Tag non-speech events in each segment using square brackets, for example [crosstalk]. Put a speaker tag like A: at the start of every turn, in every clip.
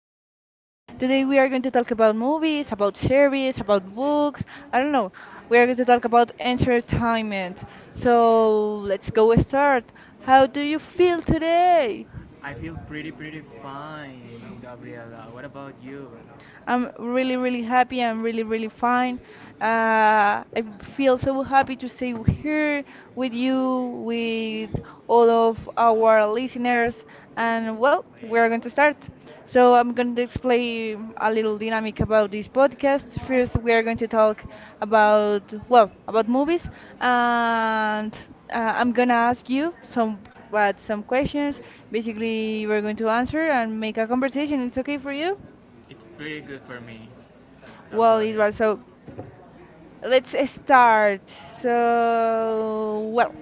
A: well,
B: Today
A: today
B: we
A: we're talking
B: are going to talk
A: about
B: about movies,
A: the
B: about
A: books here.
B: series, about books. I don't know.
A: I'm
B: We are going
A: learning
B: to talk about
A: research on
B: entertainment.
A: it. So,
B: So
A: let's
B: let's
A: go
B: go
A: with her.
B: start.
A: How
B: How
A: do
B: do you
A: you feel
B: feel today?
A: today? I feel pretty fine, Gabriela. What about you? I'm
B: I'm
A: really
B: really, really happy.
A: having
B: I'm really, really fine.
A: fun.
B: I
A: Uh,
B: feel
A: Feels
B: so
A: happy
B: happy to
A: to
B: stay here
A: see
B: with
A: we will
B: you, with all
A: go
B: of our
A: evolutionary
B: listeners.
A: and
B: And well, we're going
A: welcome.
B: to start.
A: So
B: So I'm going to
A: this week
B: explain a little dynamic about this podcast. First, we are going to talk
A: about
B: about
A: well,
B: about
A: what movies
B: movies, and
A: I'm
B: I'm
A: going
B: gonna ask you some
A: about some
B: questions.
A: basically,
B: Basically, you are going to answer and make a
A: okay.
B: conversation. It's okay for you?
A: It's pretty good for me. So go
B: Well, it
A: ahead.
B: was
A: So,
B: so. Let's
A: let's start.
B: start. So, well,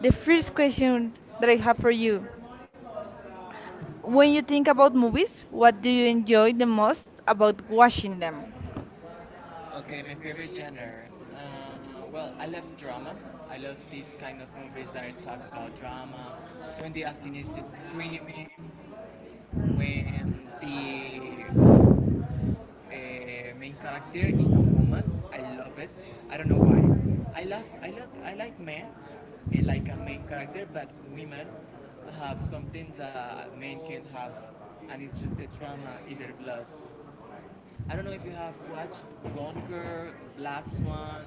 B: the first question that I have for you. When you think about movies, what do you enjoy the most about watching them?
A: Okay, my favorite genre. Um, well, I love drama. I love these kind of movies that talk about drama, when the acting is screaming, when the main character is a woman. I love it. I don't know why. I love, I like men, eh, like a main character, but women have something that men can't have, and it's just the drama in their blood. I don't know if you have watched Gone Girl, Black Swan,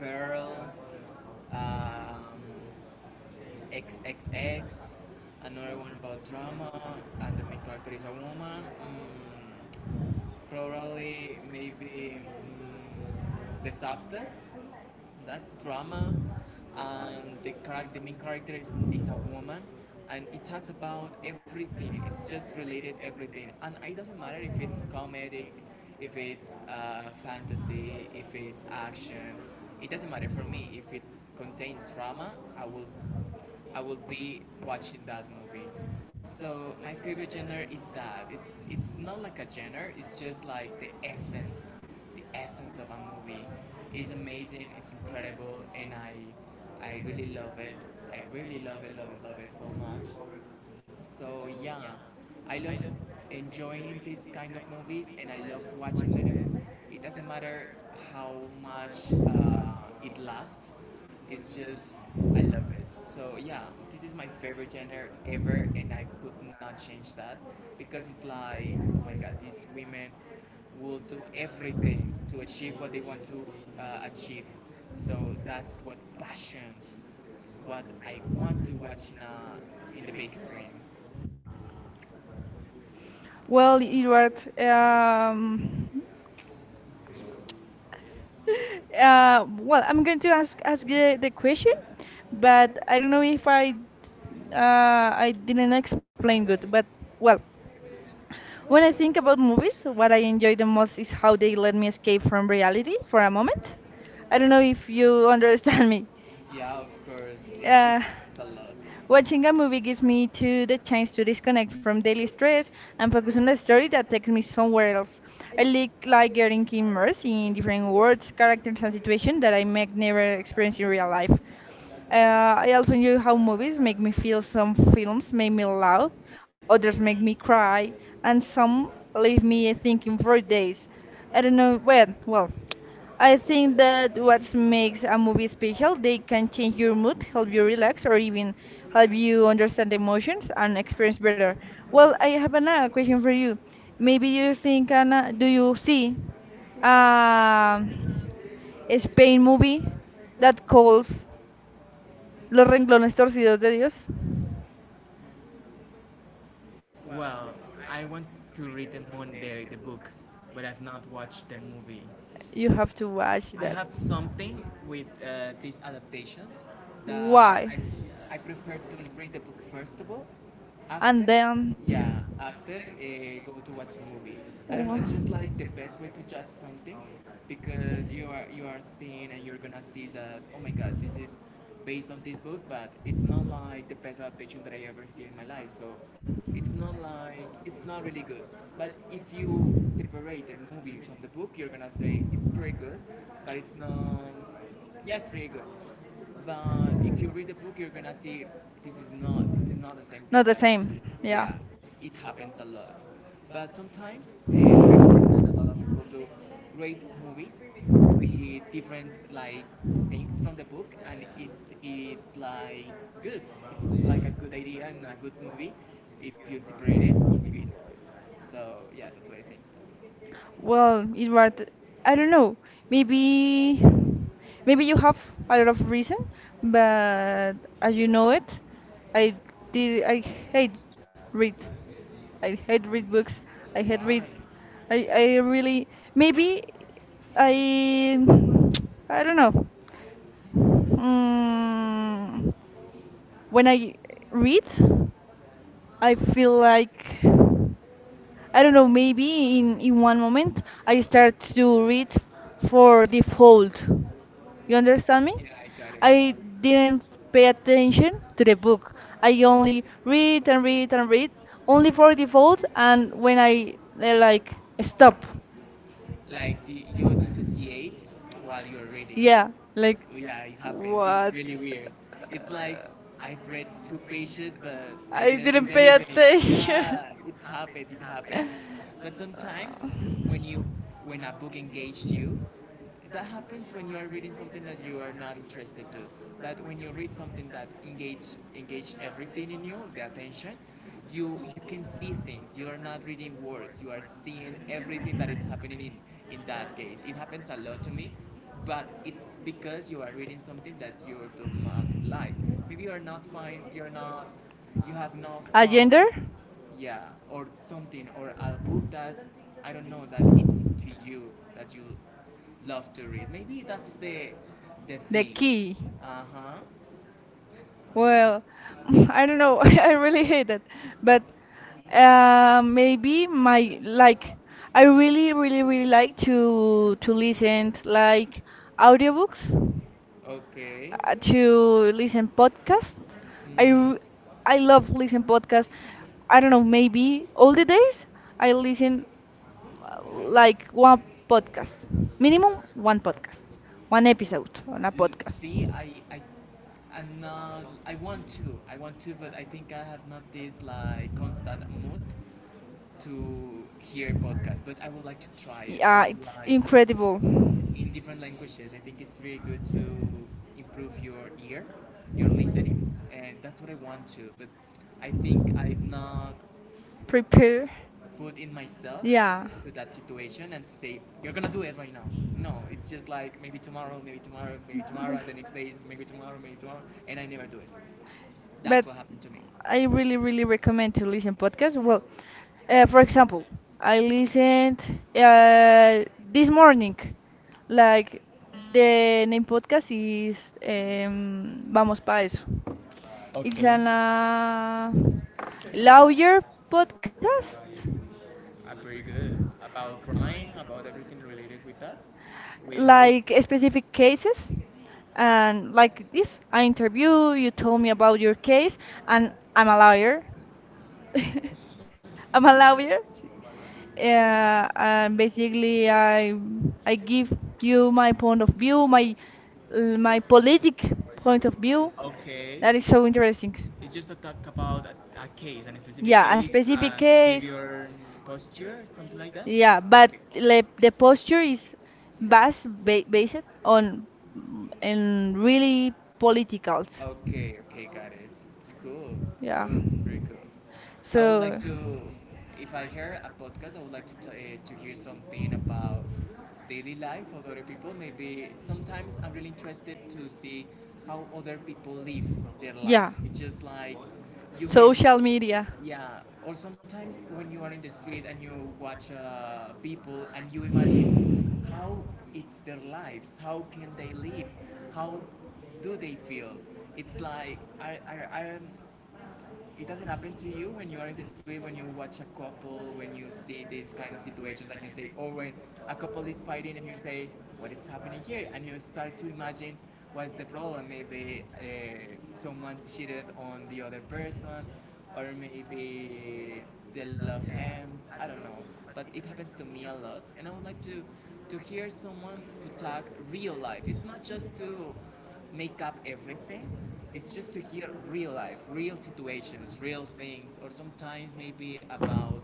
A: Pearl, um, XXX, another one about drama, and the main character is a woman. Mm, probably maybe mm, the substance. That's drama. The character, the main character is a woman, and it talks about everything. It's just related everything, and it doesn't matter if it's comedic, if it's fantasy, if it's action. It doesn't matter for me if it contains drama. I will I will be watching that movie. So my favorite genre is that. It's not like a genre. It's just like the essence of a movie. It's amazing. It's incredible, and I really love it. I really love it, love it, love it so much. So yeah, I love enjoying these kind of movies, and I love watching them. It doesn't matter how much it lasts. It's just I love it. So yeah, this is my favorite genre ever, and I could not change that because it's like, oh my god, these women will do everything to achieve what they want to achieve. So that's what passion, what I want to watch in a in the big screen.
B: Well, Edward, um, [laughs] well, I'm going to ask the question, but I don't know if I uh, I didn't explain good. But well, when I think about movies, what I enjoy the most is how they let me escape from reality for a moment. I don't know if you [laughs] understand me.
A: Yeah, of course. It
B: Uh,
A: happens a lot.
B: Watching a movie gives me to the chance to disconnect from daily stress and focus on a story that takes me somewhere else. I like getting immersed in different worlds, characters, and situations that I might never experience in real life. I also knew how movies make me feel. Some films make me laugh, others
A: Others
B: make
A: make
B: me
A: me cry,
B: cry, and some leave
A: leave me
B: me thinking for
A: for days.
B: days. I
A: I
B: don't know.
A: remember that
B: Well.
A: I
B: I
A: think
B: think that
A: that the
B: what
A: resume
B: makes
A: is
B: a
A: not going to
B: movie
A: be
B: special, they
A: complete
B: can
A: until
B: change
A: you
B: your mood, help you
A: because you're reading
B: relax,
A: to
B: or even
A: you
B: help
A: understood
B: you
A: the
B: understand
A: metrics
B: emotions and
A: and
B: experience
A: understood.
B: better.
A: Well, I
B: Well, I have another question
A: think
B: for
A: that
B: you. Maybe
A: maybe you
B: you
A: can
B: think,
A: get up
B: Anna, do
A: in
B: you see
A: uh,
B: um, a Spain
A: explain
B: movie
A: that
B: that
A: whole,
B: calls Los
A: looking at
B: Renglones Torcidos de
A: the,
B: Dios?
A: well, I want to read the Moon Dairy, the book, but I've not watched the movie.
B: You have to watch
A: I
B: that.
A: have something with these adaptations that
B: Why?
A: I prefer to read the book first of all. After,
B: And then
A: yeah, after go to watch the movie. I don't know. It's just like the best way to judge something because you are seeing and you're gonna see that oh my god this is based on this book, but it's not like the best adaptation that I ever see in my life. So it's not like it's not really good. But if you separate the movie from the book, you're gonna say it's pretty good, but it's not. Yeah, it's pretty good. But
B: wha-,
A: if you read the book, you're gonna see this is not the same
B: not
A: thing
B: the
A: that I
B: same. Yeah.
A: yeah, it happens a lot. But sometimes directors and a lot of people do great movies with different like things from the book, and it's like good. It's like a good idea and a good movie if you separate it individually. So yeah, that's what I think. So. Well,
B: Well, it was. I
A: yeah,
B: don't know. Maybe, maybe you have a lot of reason,
A: uh,
B: but as you know it, I did. I hate read. I hate read books. I hate read.
A: why?
B: I really
A: Maybe I
B: maybe I [tsk] I don't know. Mm,
A: when
B: when
A: I
B: I
A: read,
B: read.
A: I
B: I
A: don't
B: feel
A: know.
B: like
A: I
B: I
A: don't
B: don't know,
A: know.
B: maybe in one moment
A: I
B: I
A: started
B: start
A: to
B: to read for default. You understand me?
A: yeah, I got it.
B: I didn't pay attention to the book. I only read and read and read only for default and when I like stop.
A: Like the, you dissociate while you're reading.
B: Yeah, like
A: Yeah, it happens. It's
B: what?
A: really weird. It's like I've read two pages, but I
B: I
A: didn't
B: didn't
A: read
B: pay
A: anything.
B: attention.
A: Yeah, it's happened. It happens. But sometimes
B: [laughs]
A: when you when a book engages you, that happens when you
B: Uh,
A: are reading something that you are not interested to but when you read something that engage everything in you the attention you you can see things you are not reading words you are seeing everything that is happening in that case it happens a lot to me but it's because you are reading something that you do not like maybe you are not fine you're not you have not
B: Agenda?
A: found yeah or something or a book that I don't know that it's to you that you love to read maybe that's the
B: The
A: thing
B: key. Key.
A: uh-huh.
B: Well, [laughs] I don't know. [laughs] I really hate it.
A: Well,
B: But
A: I do but
B: maybe my
A: my like
B: like
A: I
B: I
A: really
B: really really really
A: like
B: like to
A: to
B: listen
A: listen like
B: like audiobooks,
A: audiobooks. Okay.
B: to
A: To
B: listen
A: artists.
B: podcast.
A: I
B: I
A: mm-hmm.
B: r-
A: I
B: I
A: love
B: love listen
A: podcast.
B: podcast.
A: I
B: I don't
A: don't
B: know,
A: know music.
B: maybe
A: All
B: all
A: the
B: the
A: day,
B: days
A: I
B: I
A: listen
B: listen
A: to oh my god. Like
B: like one
A: one
B: podcast,
A: podcast. Minimum
B: minimum
A: one
B: one podcast,
A: podcast,
B: one
A: one episode,
B: episode on a
A: L-
B: podcast.
A: see, I'm not. I want to. I want to, but I think I have not this like constant mood to hear podcasts. But I would like to try it. I
B: Yeah,
A: Would
B: it's
A: like. Incredible
B: incredible.
A: in different languages. I think it's really good to improve your ear, your listening, and that's what I want to. But I think I've not
B: Prepare.
A: put in myself yeah.
B: Yeah,
A: To that situation and to say you're gonna do it right now. No, it's just like maybe tomorrow, maybe tomorrow, maybe tomorrow, and the next day is maybe tomorrow, and I never do it.
B: but
A: That's what happened to me. I
B: I really,
A: didn't
B: really
A: do it.
B: recommend to listen podcasts. Well, for
A: For
B: example,
A: example, I
B: I
A: think
B: listened
A: uh, this
B: this
A: morning
B: morning,
A: like
B: like
A: the
B: the name podcast
A: customer
B: is
A: is vamos
B: Vamos Pa' Eso.
A: a
B: It's
A: okay.
B: an
A: Now,
B: lawyer podcast.
A: I'm pretty good. About crime, about everything related with that? With like laws?
B: Like specific
A: Cases
B: cases
A: and
B: and
A: like
B: like
A: this,
B: this
A: I
B: I
A: interview
B: interview you told
A: me
B: me
A: about
B: about your
A: the case
B: case
A: and
B: and
A: I'm
B: I'm
A: a
B: a
A: lawyer.
B: lawyer.
A: [laughs]
B: [laughs]
A: I'm
B: I'm
A: a
B: a
A: lawyer.
B: lawyer.
A: Yeah,
B: Yeah,
A: yeah,
B: and
A: basically,
B: basically I
A: I
B: I
A: use
B: give
A: view
B: you
A: my
B: my
A: point
B: point of
A: of view,
B: view,
A: like in my
B: my
A: political
B: politic
A: point
B: point
A: of view.
B: of view.
A: Okay. That
B: That is
A: is so
B: so
A: interesting.
B: interesting.
A: It's just to talk about a case, a specific yeah, a
B: Yeah, a
A: case, specific and
B: specific
A: case. Give
B: case.
A: your mm, posture, something like that. Yeah,
B: Yeah,
A: but
B: but
A: okay.
B: le,
A: Like the
B: the
A: posture
B: posture
A: is
B: is
A: vast based
B: based
A: on
B: on
A: and
B: in
A: really
B: really
A: political.
B: politicals.
A: Okay. Okay. Got it. It's cool. It's
B: Yeah.
A: cool. Pretty cool. I would like
B: So,
A: to, if I hear a podcast, I would like to t- to hear something about daily life of other people. Maybe sometimes I'm really interested to see how other people live their
B: yeah,
A: lives. It's just like you can,
B: social media.
A: yeah. Or sometimes when you are in the street and you watch people and you imagine how it's their lives, how can they live, how do they feel? It's like I'm it doesn't happen to you when you are in the street, when you watch a couple, when you see these kind of situations, and you say, or when a couple is fighting, and you say, what is happening here? And you start to imagine what's the problem. Maybe someone cheated on the other person, or maybe the love ends. I don't know, but it happens to me a lot, and I would like to hear someone to talk real life. It's not just to make up everything. It's just to hear real life, real situations, real things, or sometimes maybe about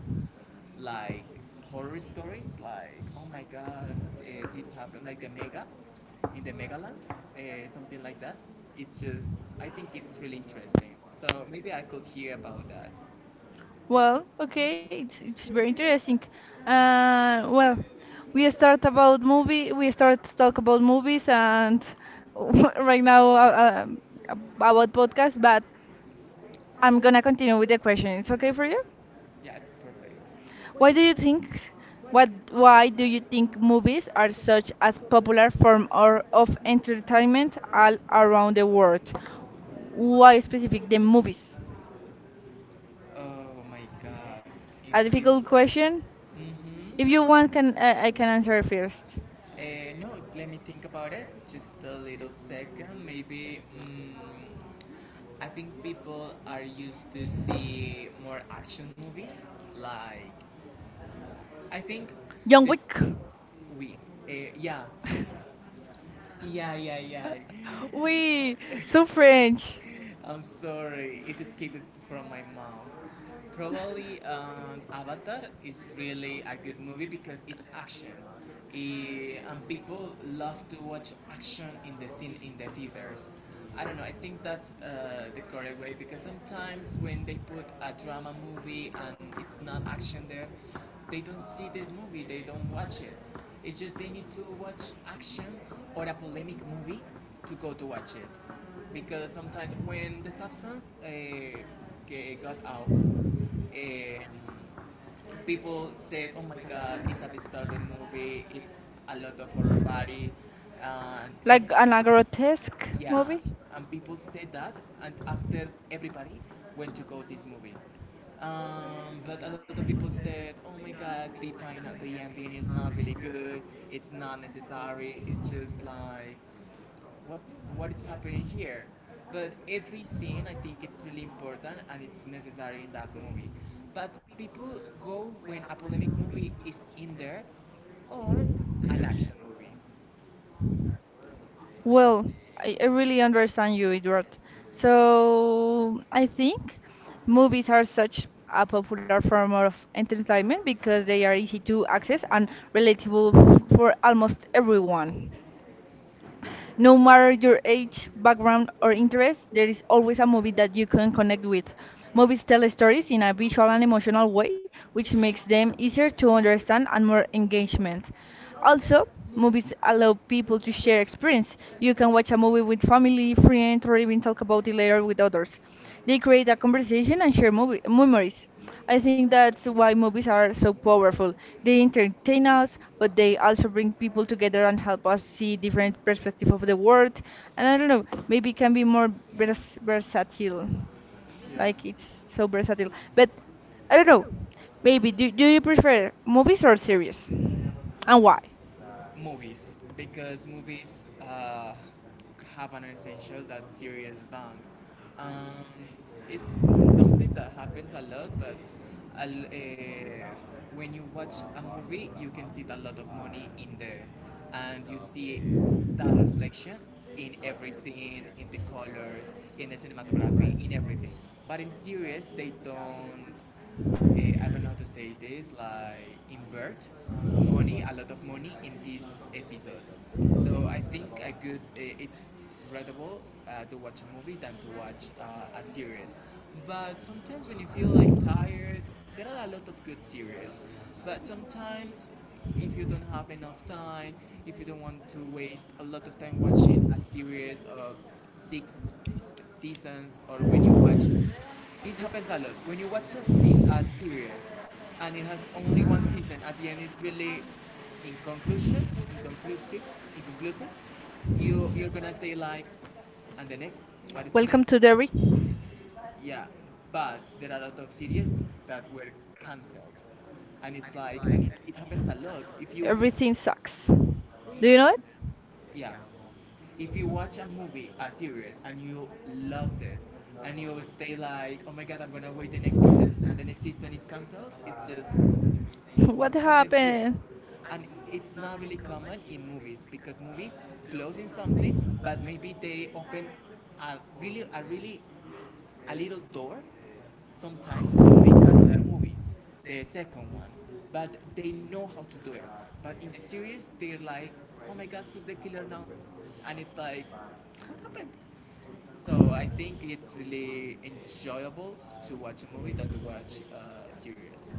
A: like horror stories, like oh my god, this happened, like the mega in the Megaland, something like that. It's just, I think it's really interesting. So maybe I could hear about that.
B: Well, okay, it's very interesting. Well, we start about movie, we start to talk about movies, and [laughs] right now about podcast. But I'm gonna continue with the question. It's okay for you?
A: Yeah, it's perfect.
B: Why
A: What
B: do
A: do
B: you
A: you
B: think?
A: what
B: What?
A: why
B: Why do you think
A: do movies
B: movies
A: are
B: are
A: so
B: such a
A: popular
B: popular form or of entertainment all around the world? Why specific the movies?
A: oh my god. If
B: A
A: and you
B: difficult
A: this.
B: question. If you want,
A: Mm-hmm.
B: can I can answer first.
A: No, let me think about it. Just a little second. Maybe mm, I think people are used to see more action movies like I think
B: John
A: that
B: Wick.
A: we, uh, yeah, yeah.
B: We so French,
A: [laughs] I'm sorry, it escaped from my mouth. Probably Avatar is really a good movie because it's action. I- and people love to watch action in the scene in the theaters. I don't know. I think that's the correct way because sometimes when they put a drama movie and it's not action there, they don't see this movie. They don't watch it. It's just they need to watch action or a polemic movie to go to watch it because sometimes when the substance ge- got out, um, people said, "Oh my God, it's a disturbing movie. It's a lot of horror body," and if
B: like an a grotesque
A: yeah,
B: movie.
A: and people said that, and after everybody went to go this movie. But a lot of people said, "Oh my God, the final, the ending is not really good. It's not necessary. It's just like what what is happening here but every scene I think it's really important and it's necessary in that movie but people go when a polemic movie is in there or an action movie." Well,
B: Well, I really understand you, Edward.
A: so
B: So
A: I
B: I think
A: movies
B: movies
A: are
B: are such a
A: other
B: popular
A: people
B: form of entertainment because they are
A: like
B: easy
A: they
B: to
A: are
B: access
A: people
B: and
A: are relatable
B: relatable
A: for
B: for
A: almost
B: almost everyone.
A: everyone. No
B: No matter
A: matter who
B: your
A: ethnic
B: age,
A: background
B: background, or
A: or
B: interest, there
A: individuals
B: is always a
A: represent
B: movie
A: that
B: that you
A: ethnic
B: can connect
A: category.
B: with.
A: Movies
B: Movies
A: tell
B: tell
A: stories
B: stories in a
A: about
B: visual and
A: belonging to
B: emotional way,
A: which
B: which
A: makes
B: makes
A: them
B: them easier
A: easier to
B: to
A: understand
B: understand
A: and
B: and
A: for
B: more
A: engagement.
B: engagement.
A: Also,
B: Also,
A: movies
B: movies
A: allow
B: allow
A: people
B: people
A: to
B: to
A: share
B: share
A: experience.
B: experience.
A: You
B: You
A: can
B: can
A: watch
B: watch
A: a
B: a
A: movie
B: movie
A: with a
B: with
A: family,
B: family,
A: friend,
B: friends,
A: or
B: or even
A: even a
B: talk about
A: community
B: it later with others.
A: they
B: They
A: could
B: create a
A: have
B: conversation and share movie
A: memories.
B: memories.
A: I
B: I
A: think
B: think
A: that's
B: that's
A: why
B: why
A: most
B: movies
A: bars
B: are so
A: work.
B: powerful.
A: They
B: They entertain
A: clean up
B: us, but
A: they
B: they also
A: possibly
B: bring people
A: try to get
B: together
A: on
B: and help
A: one
B: us see
A: scene,
B: different perspective of the
A: the work,
B: world. And I
A: and
B: don't know,
A: they
B: maybe it can be
A: become more
B: more
A: less curious.
B: versatile.
A: Yeah.
B: Like it's
A: So
B: so versatile.
A: but
B: But I
A: I don't
B: don't
A: know.
B: know.
A: They
B: Maybe do you prefer
A: movies
B: movies
A: or
B: or series?
A: series. And
B: And
A: what?
B: why?
A: Movies because movies have an essential that series don't. Um, it's something that happens a lot, but a l- eh, when you watch a movie, you can see a lot of money in there, and you see that reflection in every scene, in the colors, in the cinematography, in everything. But in series, they don't I don't know how to say this, like invert money, a lot of money in these episodes. So I think I could. It's readable to watch a movie than to watch a series. But sometimes when you feel like tired, there are a lot of good series. But sometimes if you don't have enough time, if you don't want to waste a lot of time watching a series of six seasons, or when you watch this happens a lot when you watch a series and it has only one season, at the end it's really inconclusive inconclusive inconclusive. You're gonna stay like, and the next, what is
B: Welcome
A: next?
B: to Derry.
A: Yeah, but there are a lot of series that were cancelled, and it's like and it happens a lot if you...
B: Everything sucks. Do you know it?
A: Yeah. If you watch a movie, a series, and you loved it, and you stay like, oh my god, I'm gonna wait the next season, and the next season is cancelled, it's just
B: [laughs]
A: what
B: What
A: happened here.
B: happened?
A: And it's not really common in movies because movies close in something, but maybe they open a really a little door sometimes to make another movie, the second one. But they know how to do it. But in the series, they're like, oh my god, who's the killer now? And it's like, what happened? So I think it's really enjoyable to watch a movie than to watch a series.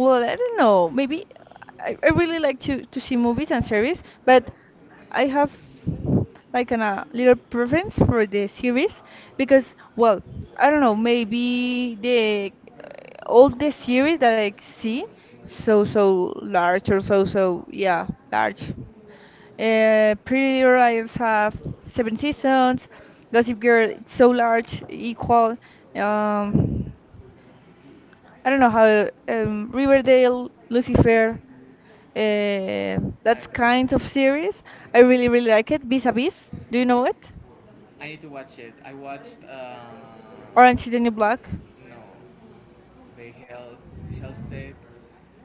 A: Well,
B: I don't know. Maybe I,
A: was
B: I really like to see movies and series, but I have like an, a little preference for the series because, well, I don't know. Maybe the uh, all the series that I see so so large or so so yeah large. Pretty Little Liars have 7 seasons. Gossip
A: where
B: Girl it's
A: so
B: so
A: much
B: large,
A: control.
B: equal. Um,
A: I
B: I don't know
A: don't
B: how Riverdale, Lucifer, that's
A: know.
B: kind of series. I really really like it. Vis a Vis, do you know it?
A: I need to watch it. I watched.
B: Orange is the New Black,
A: No, the health set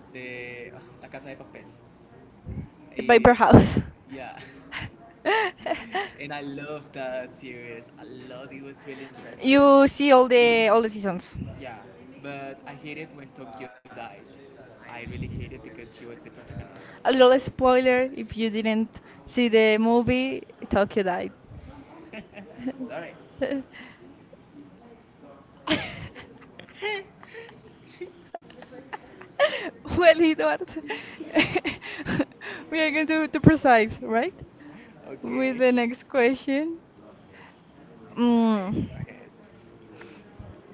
A: de La Casa de Papel.
B: The Paper
A: Y,
B: House.
A: yeah. [laughs]
B: [laughs]
A: And I love that series. I loved it. It was really interesting.
B: You see all the seasons.
A: Yeah, but I hated when Tokyo died. I really hated because she was the protagonist.
B: A little spoiler if you didn't see the movie, Tokyo died.
A: It's alright.
B: [laughs] [laughs] Well,
A: [laughs]
B: Eduardo, [laughs] we are going to precise, right? With
A: Okay.
B: the next
A: Okay,
B: question. Mm.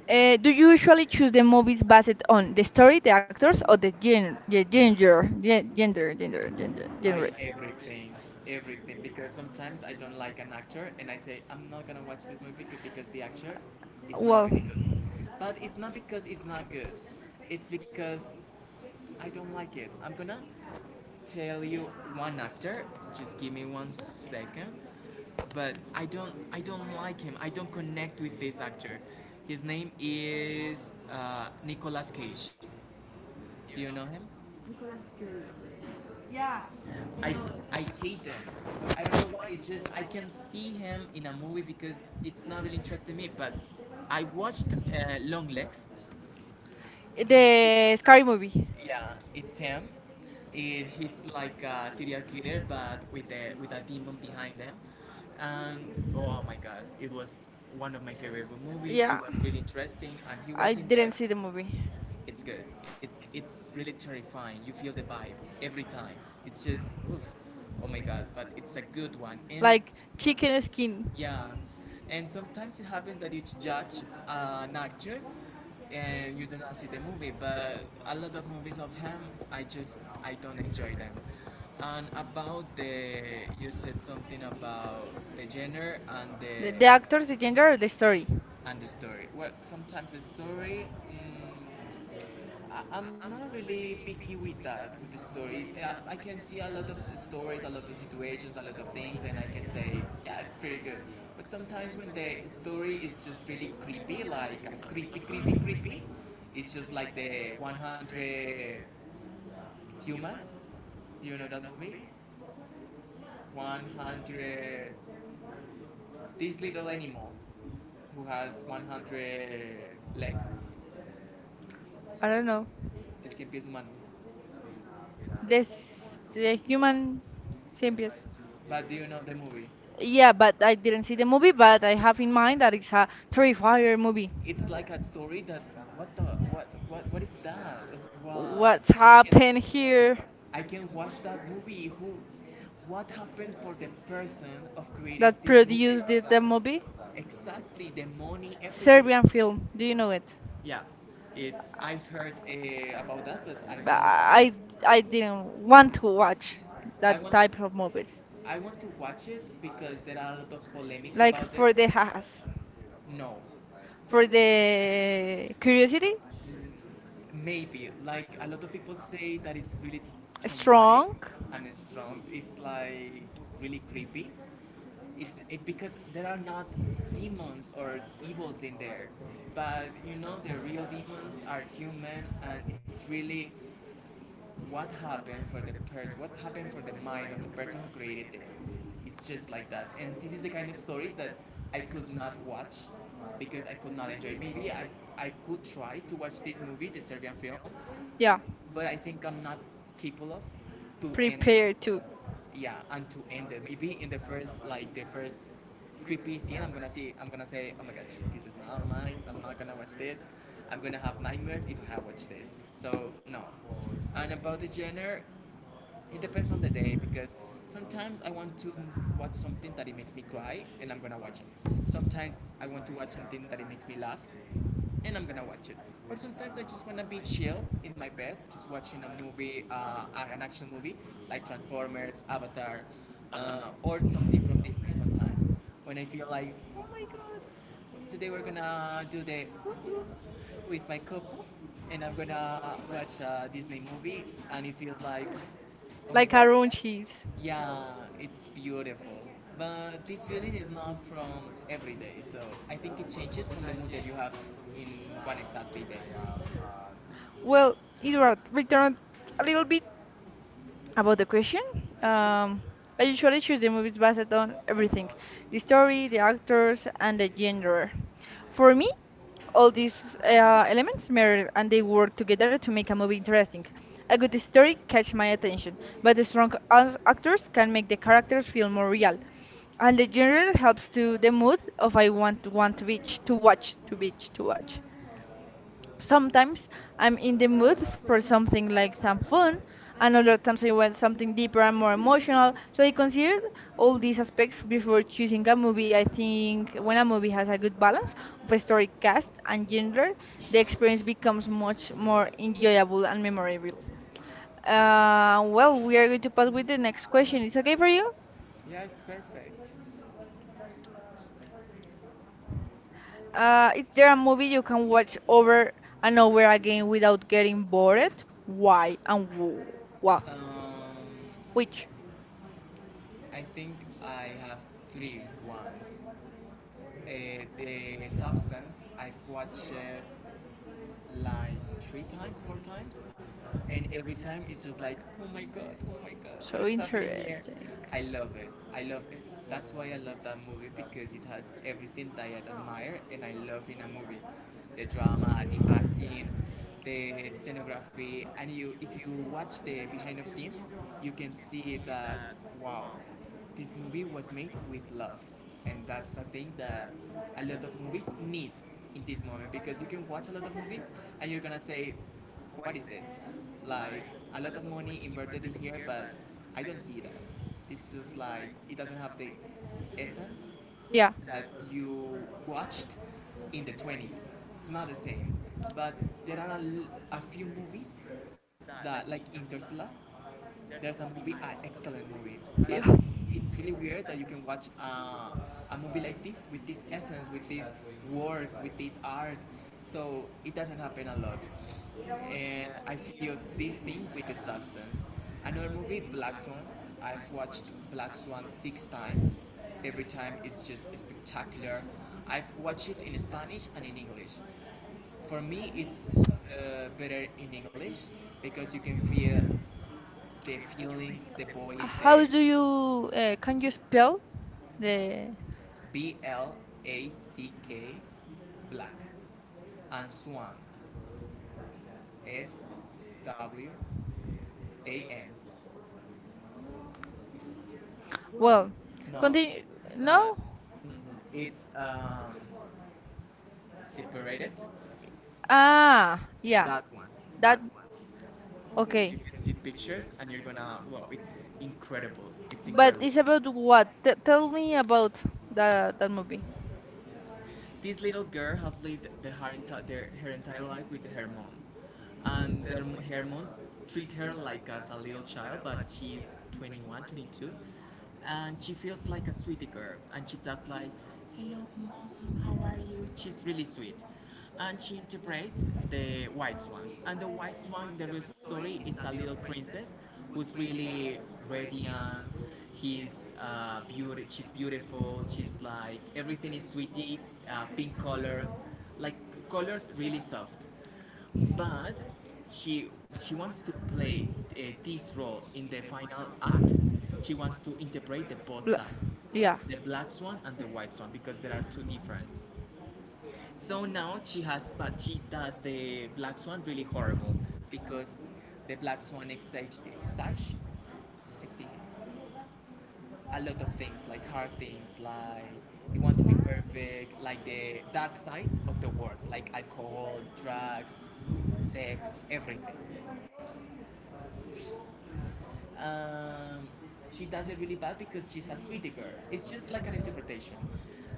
B: Do you usually choose the movies
A: go
B: based on the story, the actors, or the
A: ahead.
B: gender, gen gender, gender, gender, genre?
A: I everything, everything. Because sometimes I don't like an actor, and I say I'm not gonna watch this movie because the actor is not
B: Well,
A: really good. But it's not because it's not good. It's because I don't like it. I'm gonna tell you one actor. Just give me one second. But I don't like him. I don't connect with this actor. His name is Nicolas Cage. Do you know him? Nicolas Cage. Yeah. I know. I hate them, but I don't know why. It's just I can see him in a movie because it's not really interesting me. But I watched Long Legs. Okay.
B: the scary movie.
A: Yeah, it's him. He's like a serial killer, but with a demon behind him. And oh my god, it was one of my favorite movies. It
B: Yeah.
A: was really interesting, and he
B: I
A: was in
B: didn't
A: there.
B: see the movie.
A: It's good. It's really terrifying. You feel the vibe every time. It's just oof, oh my god. But it's a good one. And
B: Like
A: like,
B: chicken skin.
A: yeah, and sometimes it happens that you judge an actor and you do not see the movie. But a lot of movies of him, I just I don't enjoy them. And about the you said something about the genre
B: The actors, the gender, or the story.
A: and the story. Well, sometimes the story, I- am not really picky with that, with the story. Yeah, I can see a lot of stories, a lot of situations, a lot of things, and I can say, yeah, it's pretty good. But sometimes when the story is just really creepy, like creepy, creepy, creepy, it's just like the 100 Humans. Do you know that movie? 100. This little animal who has 100 legs.
B: I don't know.
A: El cien pies humano.
B: This the human symbiote.
A: But do you know the movie? Yeah.
B: Yeah, but I didn't see the
A: Movie
B: movie, but I have in mind that it's a
A: three, four.
B: terrifier movie.
A: It's like a story that what the what is that? It's what
B: What's
A: I can
B: happened here?
A: I can watch that movie. Who what happened for the person of created
B: That
A: this movie?
B: produced the movie?
A: Exactly the money, everything.
B: Serbian film. Do you know it?
A: Yeah, it's I've heard about that, but I've
B: But
A: not watched.
B: I
A: I
B: I
A: did
B: didn't
A: want
B: want
A: to
B: to
A: watch
B: watch
A: more.
B: that type of movies.
A: I want to watch it because there are a lot of polemics, like
B: Like
A: about for this.
B: for
A: The
B: the has.
A: no, for
B: For
A: the
B: the curiosity,
A: do maybe like a lot of people say that it's really traumatic
B: strong.
A: strong? And strong. It's like really creepy. Because there are not demons or evils in there, but you know the real demons are human, and it's really what happened for the person, what happened for the mind of the person who created this. It's just like that, and this is the kind of stories that I could not watch because I could not enjoy. Maybe I could try to watch this movie, the Serbian film. Yeah.
B: Yeah,
A: But I think I'm not capable of to end it.
B: prepared to,
A: Yeah, and to end it maybe in the first like the first creepy scene I'm gonna see, I'm gonna say oh my god, this is not mine. I'm not gonna watch this. I'm gonna have nightmares if I have watched this, so no. And about the genre, it depends on the day because sometimes I want to watch something that it makes me cry and I'm gonna watch it. Sometimes I want to watch something that it makes me laugh and I'm gonna watch it. But sometimes I just wanna be chill in my bed, just watching a movie, an action movie like Transformers, Avatar, or something from Disney sometimes. When I feel like, oh my god, today we're gonna do the woo-woo with my couple, and I'm gonna watch a Disney movie, and it feels like, oh my
B: like
A: god,
B: around cheese.
A: yeah, it's beautiful. But this feeling is not from every day, so I think it changes from the mood that you have in one exactly day. Well,
B: Well,
A: you are
B: Eduard,
A: not
B: return a
A: a little
B: little
A: bit
B: bit
A: about
B: about the
A: the
B: question,
A: uh,
B: um,
A: are
B: I
A: you sure?
B: usually choose the movies based on everything
A: The
B: the
A: story,
B: story, the
A: actors,
B: actors,
A: and
B: and
A: the
B: the genre.
A: for
B: For
A: me,
B: me,
A: all
B: all
A: these
B: these
A: um,
B: elements
A: mirror
B: matter and
A: they
B: they
A: were
B: work together
A: together
B: to make a movie interesting.
A: a
B: A good
A: good story
B: story
A: is
B: catch
A: one
B: my
A: thing,
B: attention,
A: but
B: but the
A: it's
B: strong
A: all actors
B: actors
A: can
B: can
A: make
B: make the
A: the character
B: characters feel
A: feel more
B: more
A: real,
B: real.
A: and
B: And
A: the
B: the
A: genre
B: genre helps
A: helps me
B: to the
A: the mood
B: mood
A: of
B: of
A: what
B: I want to
A: I want to watch
B: watch
A: some
B: sometimes
A: I
B: I'm in the mood
A: for
B: for
A: example,
B: something like some fun,
A: I'm
B: and
A: a
B: other times I
A: local
B: want something deeper
A: where
B: and more emotional. So
A: they
B: I
A: consider
B: considered
A: all
B: all
A: these
B: these aspects
A: restrictions
B: before
A: for choosing
B: choosing a
A: them will be
B: movie. I
A: acting
B: think when a
A: them
B: movie has a good balance of a
A: the story
B: story cast
A: and
B: and
A: the
B: genre, the experience becomes much
A: experience more
B: more
A: in the
B: enjoyable and memorable.
A: uh,
B: Well, we are
A: here is
B: going to pass
A: always
B: with the
A: the next
B: next question.
A: person.
B: It's okay for you?
A: Yeah, it's perfect. Uh,
B: Is
A: there
B: there
A: are
B: a movie
A: many
B: you can
A: from which
B: watch
A: border
B: over and over
A: unaware
B: again without
A: feeling
B: getting
A: bored.
B: bored?
A: Why?
B: Why and what?
A: Why?
B: Which?
A: I think I have three ones. Uh, the substance I've watched like three times, four times, and every time it's just like, oh my god, what
B: So
A: is happening here?
B: interesting.
A: I love it. I love it. That's why I love that movie because it has everything that I admire and I love in a movie. The drama, the acting, the scenography, and you if you watch the behind of scenes, you can see that wow, this movie was made with love, and that's the thing that a lot of movies need in this moment because you can watch a lot of movies and you're gonna say what is this, like a lot of money inverted in here but I don't see that. It's just like it doesn't have the essence. Yeah.
B: Yeah.
A: That you watched in the 20s. It's not the same. But there are a few movies that, like Interstellar, there's a movie, an excellent movie, but
B: Yeah.
A: it's really weird that you can watch a movie like this with this essence, with this work, with this art. So it doesn't happen a lot, and I feel this thing with the substance. Another movie, Black Swan. I've watched Black Swan six times. Every time it's just spectacular. I've watched it in Spanish and in English. For me, it's better in English because you can feel the feelings, the voice,
B: How
A: the
B: do you can you
A: no?
B: spell the
A: Black, black, and swan, S W A N. Well,
B: well?
A: no,
B: Continue.
A: it's no? not.
B: No.
A: It's separated. uh,
B: Ah,
A: yeah.
B: yeah.
A: That one. That. Okay. You
B: Okay.
A: can see pictures, and you're gonna. Wow, it's incredible. It's
B: It's
A: incredible.
B: it's about
A: But, what?
B: what? T Tell me about that movie.
A: This little girl has lived the her, enti- their, her entire life with her mom, and her mom treat her like as a little child, but she's 21, 22, and she feels like a sweetie girl, and she talks like, "Hello, mom, how are you?" She's really sweet, and she interprets the white swan. And the white swan in the real story, it's a little princess who's really radiant. He's beautiful. She's beautiful. She's like everything is sweetie, pink color, like colors really soft. But she she wants to play this role in the final act. She wants to integrate the both sides,
B: Yeah.
A: the black swan and the white swan, because there are two difference. So now she has, but she does the black swan really horrible because the black swan exige- a lot of things, like hard things, like you want to be perfect, like the dark side of the world, like alcohol, drugs, sex, everything. Um, she does it really bad because she's a sweetie girl. It's just like an interpretation.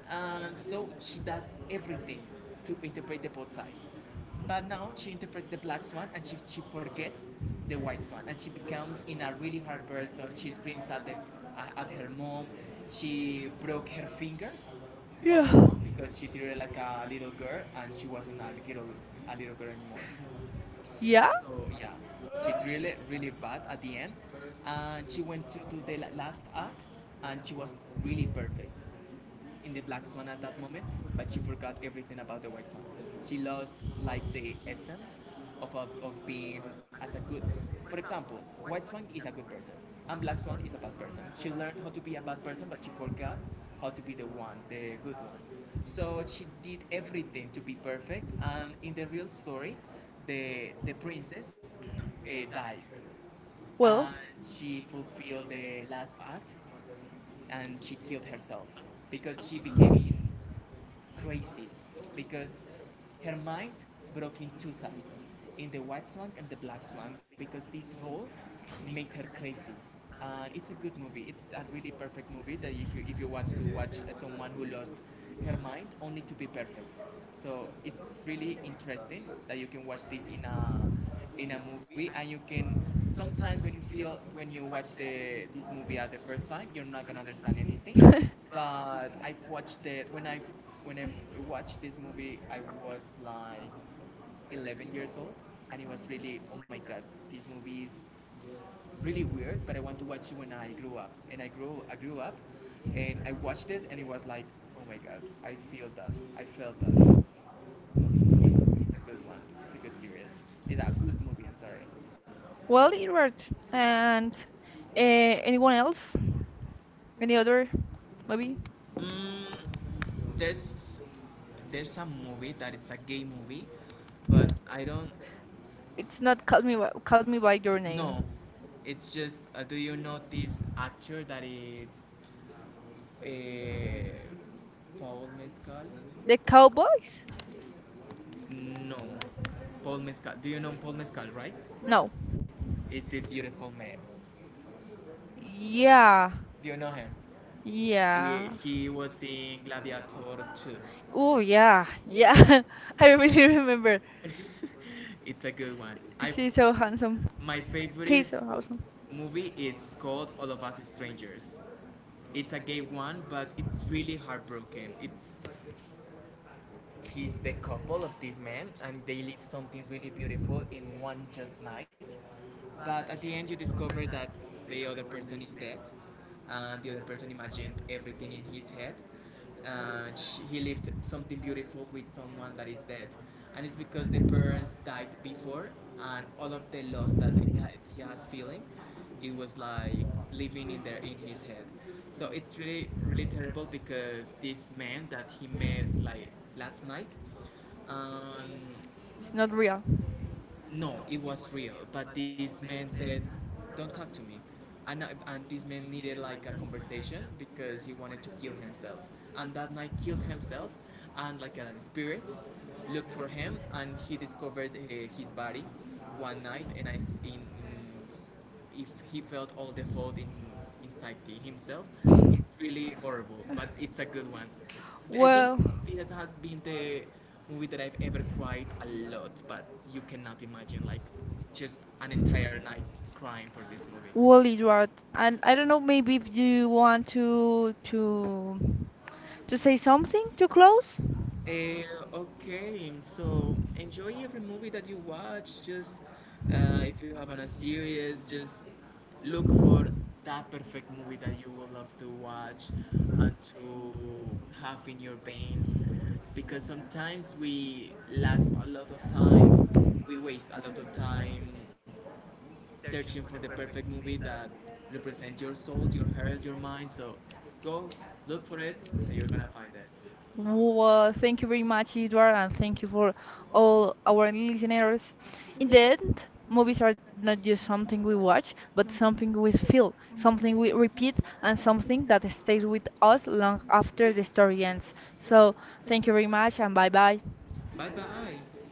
A: So she does everything to interpret the both sides. But now she interprets the black swan and she forgets the white swan and she becomes in a really hard person. She screams at her mom. She broke her fingers of
B: Yeah.
A: her mom because she treated her like a little girl and she wasn't a little girl anymore. Yeah.
B: Yeah?
A: So yeah, she really, really bad at the end, and she went to do the last act, and she was really perfect in the black swan at that moment, but she forgot everything about the white swan. She lost like the essence of being as a good. For example, white swan is a good person, and black swan is a bad person. She learned how to be a bad person, but she forgot how to be the one, the good one. So she did everything to be perfect, and in the real story, the princess dies,
B: Well,
A: and she fulfilled the last act, and she killed herself because she became crazy because her mind broke in two sides in the white swan and the black swan because this role made her crazy. And it's a good movie, it's a really perfect movie that if you want to watch someone who lost her mind only to be perfect. So it's really interesting that you can watch this in a movie, and you can sometimes when you feel when you watch the this movie at the first time, you're not gonna understand anything.
B: [laughs]
A: But I've watched it when I watched this movie, I was like 11 years old, and it was really, oh my god, this movie is really weird, but I want to watch it when I grew up. And I grew up and I watched it, and it was like, oh my god, I feel that I felt that it's a good one, it's a good series, it's a good movie, I'm sorry. Well,
B: well, you're right. [laughs] And anyone else? Any other? Maybe
A: Mm, there's there's some movie that it's a gay movie, but I don't
B: it's not call me by, call me by your name.
A: know. It's just do you know this actor that it's uh, Paul Mescal?
B: The Cowboys?
A: No, Paul Mescal. Do you know Paul Mescal, right?
B: No.
A: Is this beautiful man?
B: Yeah.
A: Do you know him? He,
B: Yeah.
A: he was in Gladiator 2.
B: Oh yeah,
A: Yeah.
B: yeah. [laughs] I really remember.
A: [laughs] It's a good one. I
B: She's
A: so,
B: so handsome.
A: my
B: He's
A: favorite
B: so handsome.
A: movie it's called All of Us Strangers. It's a gay one, but it's really heartbroken. It's he's the couple of this man and they live something really beautiful in one just night, but at the end you discover that the other person is dead, and the other person imagined everything in his head, and sh he lived something beautiful with someone that is dead. And it's because the parents died before, and all of the love that he has feeling, it was like living in there in his head. So it's really, really terrible because this man that he met like last night, um,
B: It's not real.
A: no, it was real. But this man said, "Don't talk to me," and this man needed like a conversation because he wanted to kill himself. And that night, killed himself, and like a spirit looked for him, and he discovered his body one night, and I s- in. In if he felt all the fault in inside himself, it's really horrible. But it's a good one. I think
B: Well,
A: this has been the movie that I've ever cried a lot. But you cannot imagine like just an entire night crying for this movie.
B: well, Edward, and I don't know. Maybe if you want to say something to close.
A: Eh, okay, so enjoy every movie that you watch. Just if you have on a series, just look for that perfect movie that you will love to watch and to have in your veins. Because sometimes we last a lot of time, we waste a lot of time searching for the perfect movie that represents your soul, your heart, your mind. So go look for it, and you're gonna find it. Thank you
B: Well,
A: so
B: thank you very
A: much.
B: much,
A: You are
B: Edward, and thank you for
A: all
B: all our
A: practitioners
B: listeners.
A: in
B: In the
A: the
B: end,
A: movies
B: movies are
A: are not
B: not just
A: just something
B: something we
A: to watch,
B: watch,
A: but
B: but
A: something
B: something
A: we
B: we
A: feel,
B: feel,
A: something
B: something
A: we
B: we
A: repeat,
B: repeat,
A: and
B: and
A: something
B: something
A: that
B: that
A: is staying
B: stays
A: with
B: with
A: us
B: us
A: in
B: long after
A: this
B: the story
A: experience.
B: ends.
A: So
B: So,
A: thank
B: thank
A: you
B: you
A: very
B: very
A: much
B: much,
A: and
B: and
A: bye
B: bye bye.
A: bye. Bye bye.